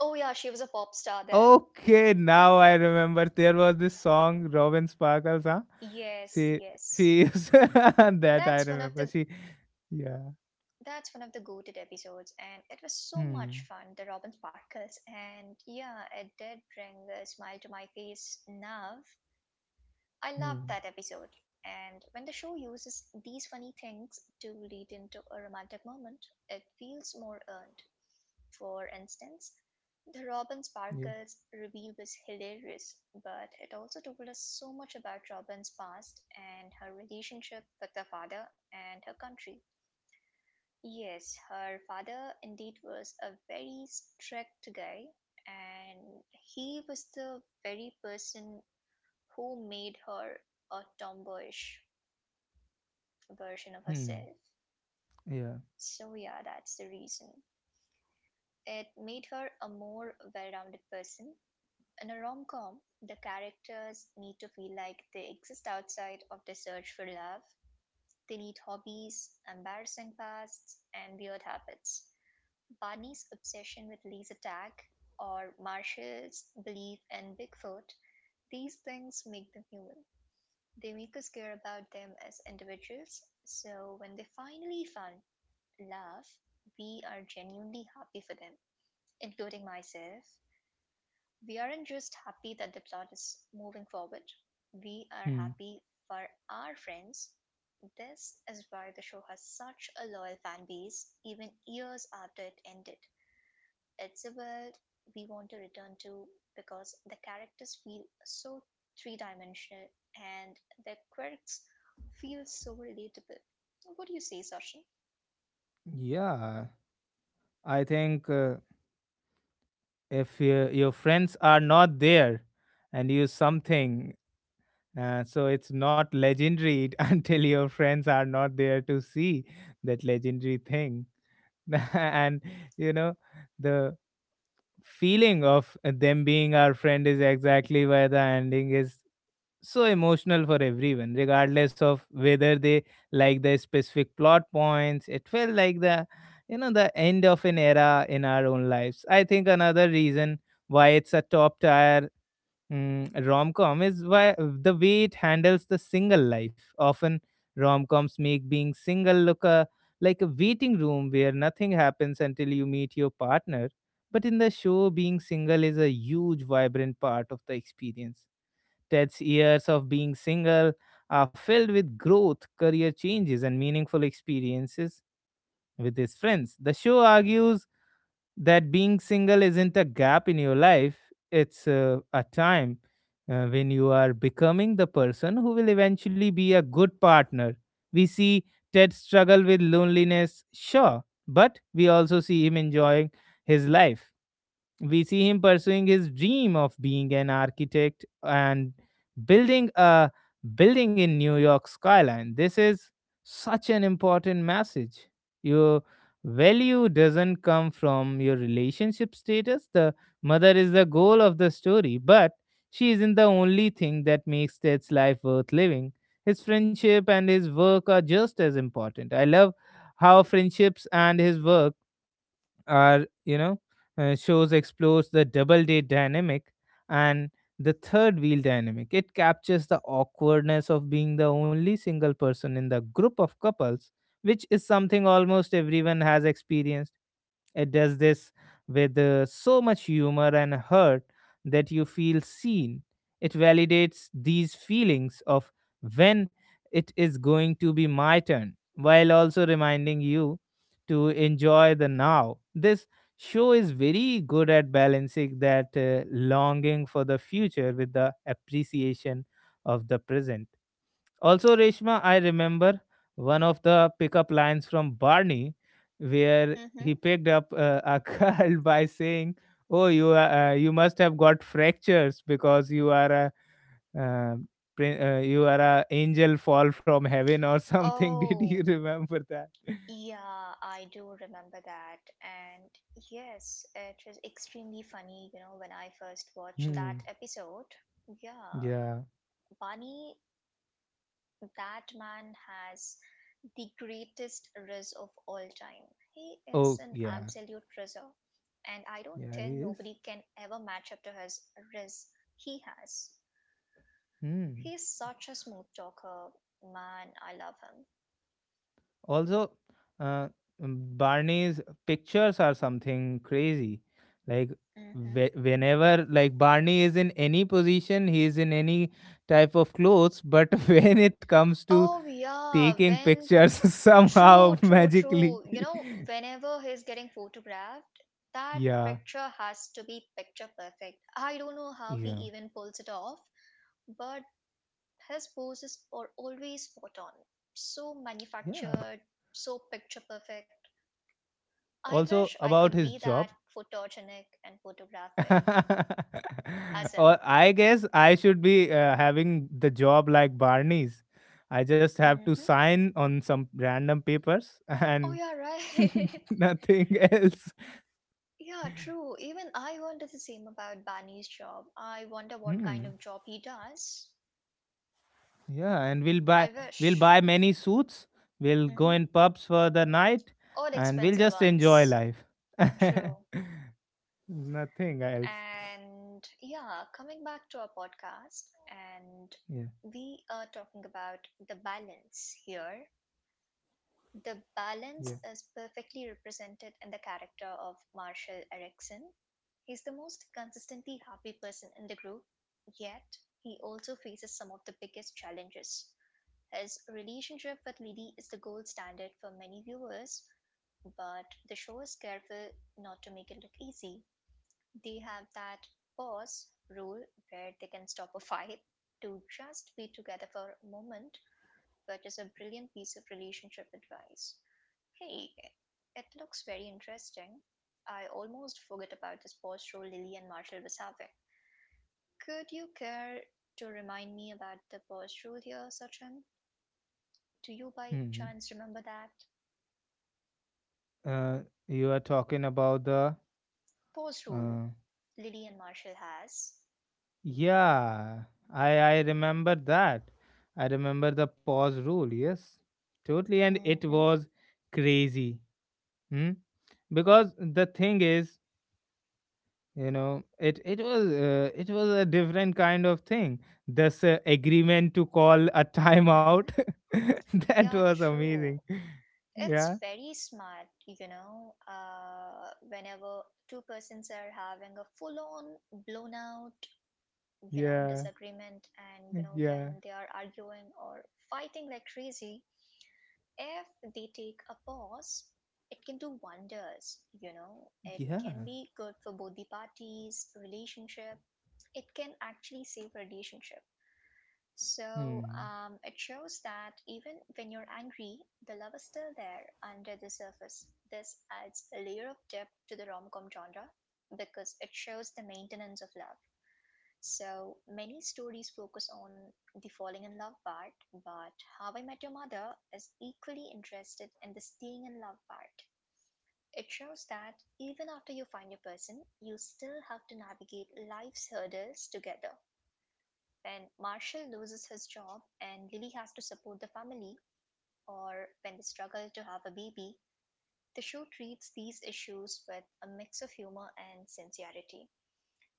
S2: Oh yeah, she was a pop star there.
S1: Okay, now I remember. There was this song, Robin Sparkles, huh?
S2: Yes,
S1: She
S2: yes.
S1: she is that I
S2: That's one of the
S1: remember. She yeah.
S2: that's one of the goated episodes and it was so much
S1: Hmm.
S2: fun, the Robin Sparkles, and yeah, it did bring a smile to my face now. I loved
S1: Hmm.
S2: that episode. And when the show uses these funny things to lead into a romantic moment, it feels more earned. For instance, the Robin
S1: Yeah.
S2: Sparkles review was hilarious, but it also told us so much about Robin's past and her relationship with her father and her country. Yes, her father indeed was a very strict guy, and he was the very person who made her a tomboyish version of
S1: Hmm.
S2: herself.
S1: Yeah.
S2: So, yeah, that's the reason. It made her a more well rounded person. In a rom com, the characters need to feel like they exist outside of their search for love. They need hobbies, embarrassing pasts, and weird habits. Barney's obsession with laser tag or Marshall's belief in Bigfoot, these things make them human. They make us care about them as individuals, so when they finally find love, we are genuinely happy for them, including myself. We aren't just happy that the plot is moving forward, we are
S1: Hmm.
S2: happy for our friends. This is why the show has such a loyal fan base, even years after it ended. It's a world we want to return to because the characters feel so three dimensional and their quirks feel so relatable. What do you say, Sachin?
S1: Yeah. I think if your friends are not there, and you something so it's not legendary until your friends are not there to see that legendary thing, and you know the feeling of them being our friend is exactly why the ending is so emotional for everyone regardless of whether they like the specific plot points. It felt like the you know the end of an era in our own lives. I think another reason why it's a top tier rom-com is why the way it handles the single life. Often rom-coms make being single look like a waiting room where nothing happens until you meet your partner. But in the show, being single is a huge, vibrant part of the experience. Ted's years of being single are filled with growth, career changes, and meaningful experiences with his friends. The show argues that being single isn't a gap in your life, it's a time when you are becoming the person who will eventually be a good partner. We see Ted struggle with loneliness, sure, but we also see him enjoying his life. We see him pursuing his dream of being an architect and building a building in New York skyline. This is such an important message. Your value doesn't come from your relationship status. The mother is the goal of the story, but she isn't the only thing that makes Ted's life worth living. His friendship and his work are just as important. I love how friendships and his work are you know shows explores the double date dynamic and the third wheel dynamic. It captures the awkwardness of being the only single person in the group of couples, which is something almost everyone has experienced. It does this with so much humor and hurt that you feel seen. It validates these feelings of when it is going to be my turn, while also reminding you to enjoy the now. This show is very good at balancing that longing for the future with the appreciation of the present. Also, Reshma, I remember one of the pickup lines from Barney, where he
S2: Mm-hmm.
S1: picked up a girl by saying, "Oh, you must have got fractures because you are a uh, prin- you are a angel fall from heaven or something." Did you
S2: Oh,
S1: remember that?
S2: yeah, I do remember that. And yes, it was extremely funny, you know, when I first watched that
S1: Hmm.
S2: episode. Yeah,
S1: Yeah.
S2: Bunny, that man has the greatest riz of all time. He
S1: Oh,
S2: is an
S1: yeah.
S2: absolute rizzer. And I don't
S1: Yeah, he
S2: think
S1: is.
S2: nobody can ever match up to his riz he has.
S1: Hmm.
S2: He's such a smooth talker. Man, I love him.
S1: Also, uh, Barney's pictures are something crazy, like
S2: Hmm.
S1: whenever like Barney is in any position, he is in any type of clothes, but when it comes to
S2: Oh yeah,
S1: taking
S2: when
S1: pictures,
S2: true,
S1: somehow
S2: true,
S1: magically.
S2: true. You know, whenever he's getting photographed, that
S1: Yeah,
S2: picture has to be picture perfect. I don't know how he
S1: yeah,
S2: even pulls it off, but his poses are always spot on. So
S1: yeah.
S2: manufactured, so picture perfect. I
S1: Also,
S2: wish I
S1: about
S2: could
S1: his
S2: be
S1: job,
S2: that photogenic and photographic as him.
S1: or I guess I should be having the job like Barney's. I just have to
S2: Mm-hmm.
S1: sign on some random papers
S2: Oh,
S1: and
S2: yeah, right.
S1: nothing else.
S2: Yeah, true. Even I wonder the same about Bani's job. I wonder what kind
S1: Hmm.
S2: of job he does.
S1: Yeah, and we'll buy
S2: I
S1: we'll buy
S2: wish.
S1: many suits. We'll go
S2: Mhm.
S1: in pubs for the night,
S2: Or
S1: and we'll
S2: expensive
S1: just enjoy
S2: ones.
S1: life.
S2: True.
S1: Nothing else.
S2: And yeah, coming back to our podcast, and
S1: Yeah,
S2: we are talking about the balance here. The balance
S1: yeah.
S2: is perfectly represented in the character of Marshall Erickson. He's the most consistently happy person in the group, yet he also faces some of the biggest challenges. His relationship with Lily is the gold standard for many viewers, but the show is careful not to make it look easy. They have that pause rule where they can stop a fight to just be together for a moment, which is a brilliant piece of relationship advice. Hey, it looks very interesting. I almost forgot about this pause rule Lily and Marshall was having. Could you care to remind me about the pause rule here, Sachin? Do you
S1: Hmm.
S2: by
S1: Hmm.
S2: chance remember that?
S1: Uh, you are talking about the
S2: Pause rule
S1: uh,
S2: Lily and Marshall has.
S1: yeah, I remember that. I remember the pause rule. Yes, totally, and
S2: Mm
S1: it
S2: hmm,
S1: was crazy. Hmm? Because the thing is, it was a different kind of thing. This agreement to call a
S2: mm
S1: timeout,
S2: hmm.
S1: that
S2: Yeah,
S1: was
S2: true.
S1: amazing. Yeah,
S2: It's very smart, you know. Whenever two persons are having a full on blown out, you know,
S1: yeah,
S2: disagreement, and you know,
S1: yeah,
S2: when they are arguing or fighting like crazy, if they take a pause, it can do wonders, you know. It can
S1: yeah.
S2: be good for both the parties, relationship. It can actually save relationship, so
S1: Hmm.
S2: it shows that even when you're angry, the love is still there under the surface. This adds a layer of depth to the rom com genre because it shows the maintenance of love. So many stories focus on the falling in love part, but How I Met Your Mother is equally interested in the staying in love part. It shows that even after you find your person, you still have to navigate life's hurdles together. When Marshall loses his job and Lily has to support the family, or when they struggle to have a baby, the show treats these issues with a mix of humor and sincerity.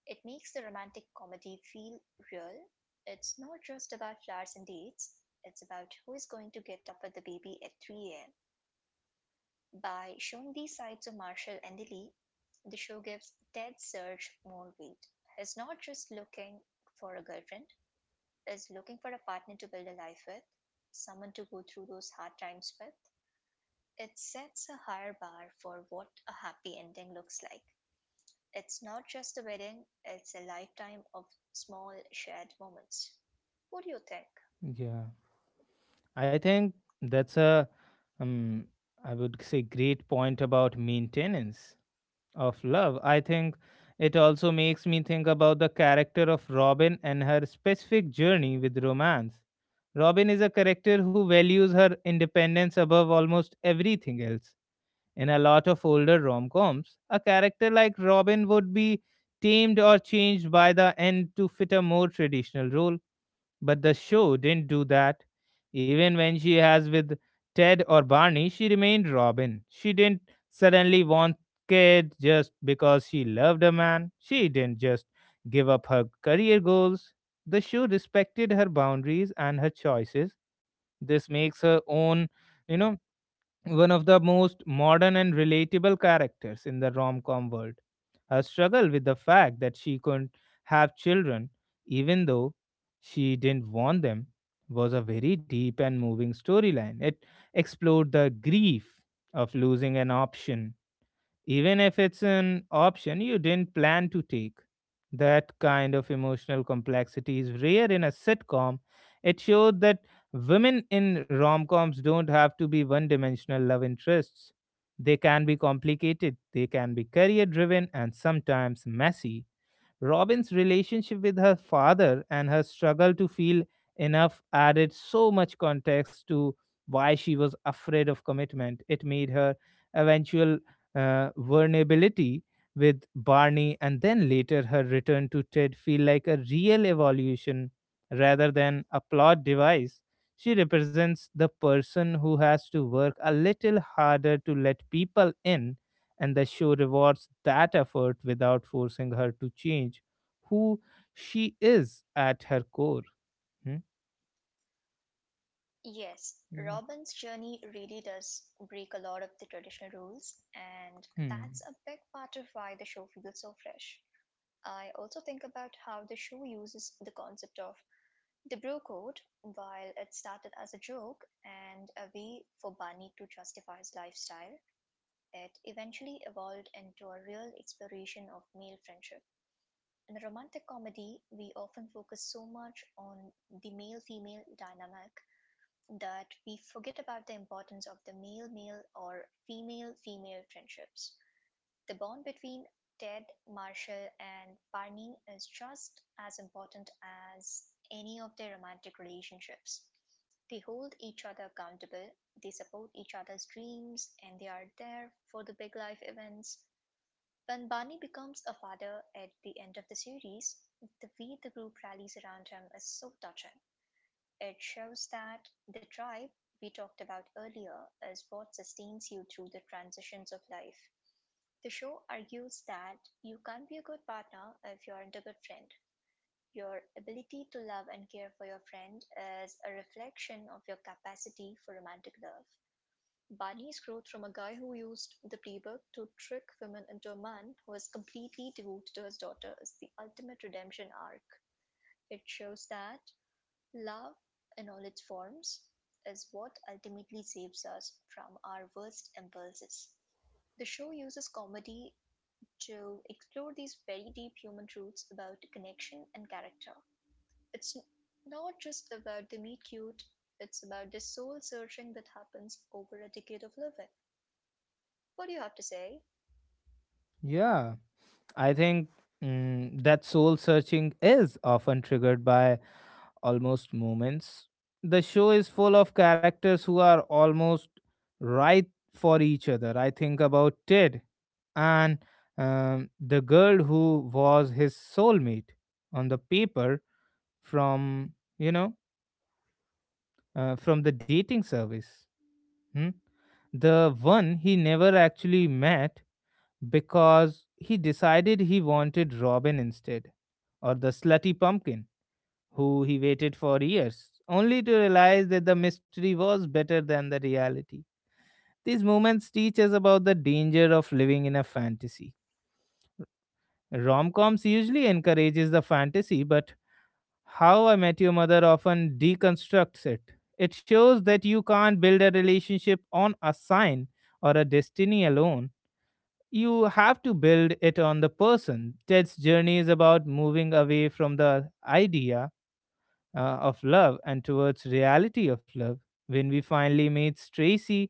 S2: It makes the romantic comedy feel real. It's not just about flowers and dates, it's about who is going to get up with the baby at 3 a.m. By showing these sides of Marshall and Lily, the show gives Ted Serge more weight. He's not just looking for a girlfriend, is looking for a partner to build a life with, someone to go through those hard times with. It sets a higher bar for what a happy ending looks like. It's not just a wedding, it's a lifetime of small shared moments. What do you think?
S1: Yeah. I think that's a, um, I would say, great point about maintenance of love. I think it also makes me think about the character of Robin and her specific journey with romance. Robin is a character who values her independence above almost everything else. In a lot of older rom coms, a character like Robin would be tamed or changed by the end to fit a more traditional role, but the show didn't do that. Even when she has with Ted or Barney, she remained Robin. She didn't suddenly want kid just because she loved a man. She didn't just give up her career goals. The show respected her boundaries and her choices. This makes her own, you know, one of the most modern and relatable characters in the rom com world. Her struggle with the fact that she couldn't have children, even though she didn't want them, was a very deep and moving storyline. It explored the grief of losing an option even if it's an option you didn't plan to take. That kind of emotional complexity is rare in a sitcom. It showed that women in rom coms don't have to be one dimensional love interests. They can be complicated, they can be career driven, and sometimes messy. Robin's relationship with her father and her struggle to feel enough added so much context to why she was afraid of commitment. It made her eventual vulnerability with Barney, and then later her return to Ted, feel like a real evolution rather than a plot device. She represents the person who has to work a little harder to let people in, and the show rewards that effort without forcing her to change who she is at her core. Hmm?
S2: Yes,
S1: Yeah.
S2: Robin's journey really does break a lot of the traditional rules, and that's
S1: Hmm.
S2: a big part of why the show feels so fresh. I also think about how the show uses the concept of The Bro Code, while it started as a joke and a way for Barney to justify his lifestyle, it eventually evolved into a real exploration of male friendship. In a romantic comedy, we often focus so much on the male female dynamic that we forget about the importance of the male male or female female friendships. The bond between Ted Marshall and Barney is just as important as any of their romantic relationships. They hold each other accountable, they support each other's dreams, and they are there for the big life events. When Barney becomes a father at the end of the series, the way the group rallies around him is so touching. It shows that the tribe we talked about earlier is what sustains you through the transitions of life. The show argues that you can't be a good partner if you aren't a good friend. Your ability to love and care for your friend is a reflection of your capacity for romantic love. Barney's growth from a guy who used the playbook to trick women into a man who is completely devoted to his daughter is the ultimate redemption arc. It shows that love, in all its forms, is what ultimately saves us from our worst impulses. The show uses comedy to explore these very deep human truths about connection and character. It's not just about the meet cute, it's about the soul searching that happens over a decade of living. What do you have to say?
S1: Yeah. I think that soul searching is often triggered by almost moments. The show is full of characters who are almost right for each other. I think about Ted and the girl who was his soulmate on the paper from, you know, from the dating service. Hmm? The one he never actually met because he decided he wanted Robin instead, or the slutty pumpkin, who he waited for years, only to realize that the mystery was better than the reality. These moments teach us about the danger of living in a fantasy. Rom coms usually encourages the fantasy, but How I Met Your Mother often deconstructs it. It shows that you can't build a relationship on a sign or a destiny alone. You have to build it on the person. Ted's journey is about moving away from the idea of love and towards reality of love. When we finally meets Tracy,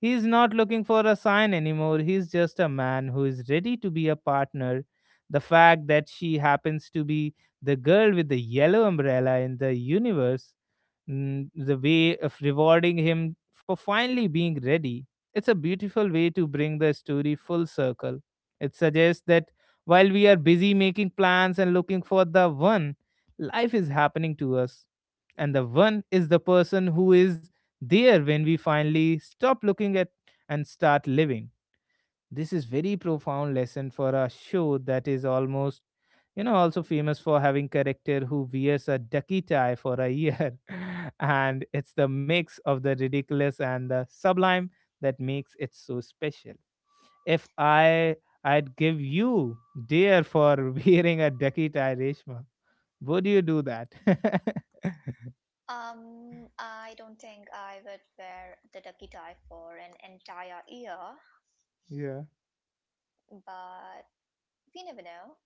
S1: he is not looking for a sign anymore. He is just a man who is ready to be a partner. The fact that she happens to be the girl with the yellow umbrella in the universe, the way of rewarding him for finally being ready. It's a beautiful way to bring the story full circle. It suggests that while we are busy making plans and looking for the one, life is happening to us. And the one is the person who is there when we finally stop looking at and start living. This is very profound lesson for a show that is almost, you know, also famous for having character who wears a ducky tie for a year and it's the mix of the ridiculous and the sublime that makes it so special. If I'd give you dear for wearing a Dakita, Reshma, would you do that?
S2: I don't think I would wear the ducky tie for an entire year,
S1: Yeah,
S2: but we never know.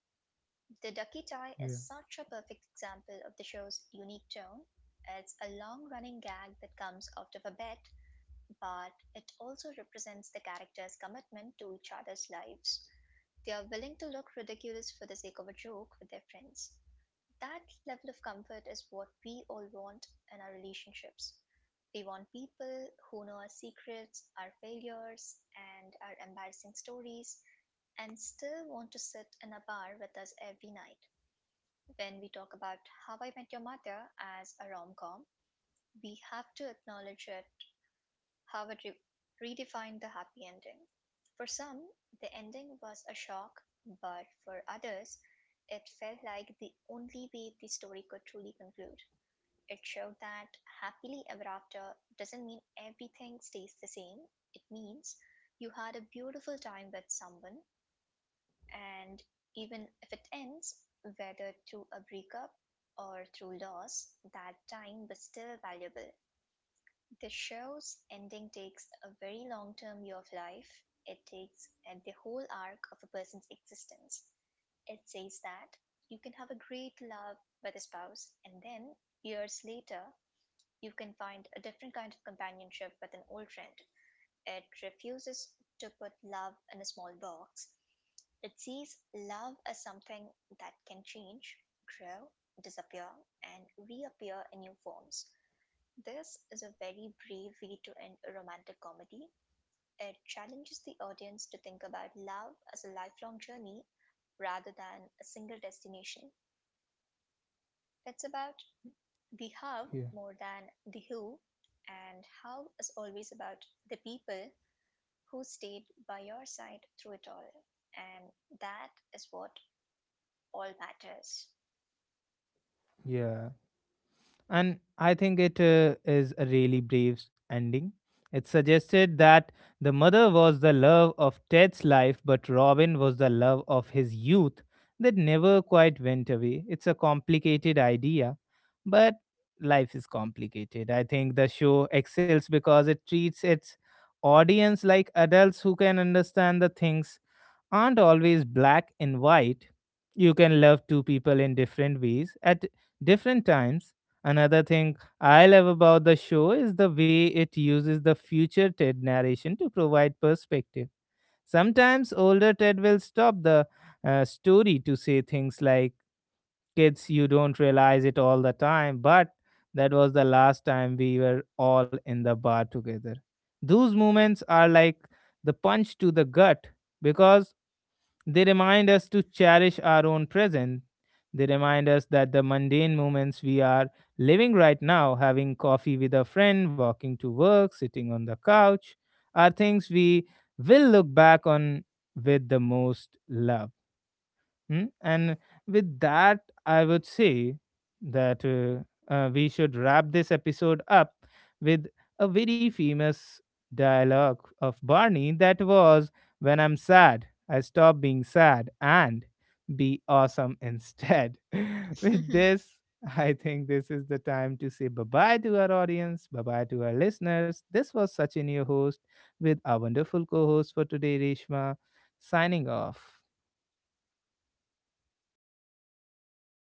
S2: The ducky tie is
S1: yeah,
S2: such a perfect example of the show's unique tone. It's a long running gag that comes out of a bet, but it also represents the characters' commitment to each other's lives. They are willing to look ridiculous for the sake of a joke with their friends. That level of comfort is what we all want in our relationships. We want people who know our secrets, our failures, and our embarrassing stories, and still want to sit in a bar with us every night. When we talk about How I Met Your Mother as a rom com, we have to acknowledge it Howard re- redefined the happy ending. For some, the ending was a shock, but for others, it felt like the only way the story could truly conclude. It showed that happily ever after doesn't mean everything stays the same. It means you had a beautiful time with someone, and even if it ends, whether through a breakup or through loss, that time was still valuable. The show's ending takes a very long-term view of life. It takes at the whole arc of a person's existence. It says that you can have a great love with a spouse, and then, years later, you can find a different kind of companionship with an old friend. It refuses to put love in a small box. It sees love as something that can change, grow, disappear, and reappear in new forms. This is a very brave way to end a romantic comedy. It challenges the audience to think about love as a lifelong journey rather than a single destination. It's about the how
S1: yeah,
S2: more than the who, and how is always about the people who stayed by your side through it all. And that is what all matters.
S1: yeah. And I think it is a really brave ending. It suggested that the mother was the love of Ted's life, but Robin was the love of his youth that never quite went away. It's a complicated idea, but life is complicated. I think the show excels because it treats its audience like adults who can understand the things aren't always black and white. You can love two people in different ways at different times. Another thing I love about the show is the way it uses the future Ted narration to provide perspective. Sometimes older Ted will stop the story to say things like, "Kids, you don't realize it all the time, but that was the last time we were all in the bar together." Those moments are like the punch to the gut because they remind us to cherish our own present. They remind us that the mundane moments we are living right now, having coffee with a friend, walking to work, sitting on the couch, are things we will look back on with the most love. Mm? And with that, I would say that we should wrap this episode up with a very famous dialogue of Barney that was, "When I'm sad, I stop being sad and be awesome instead." With this, I think this is the time to say bye bye to our audience, bye bye to our listeners. This was Sachin, your host, with our wonderful co host for today, Reshma, signing off.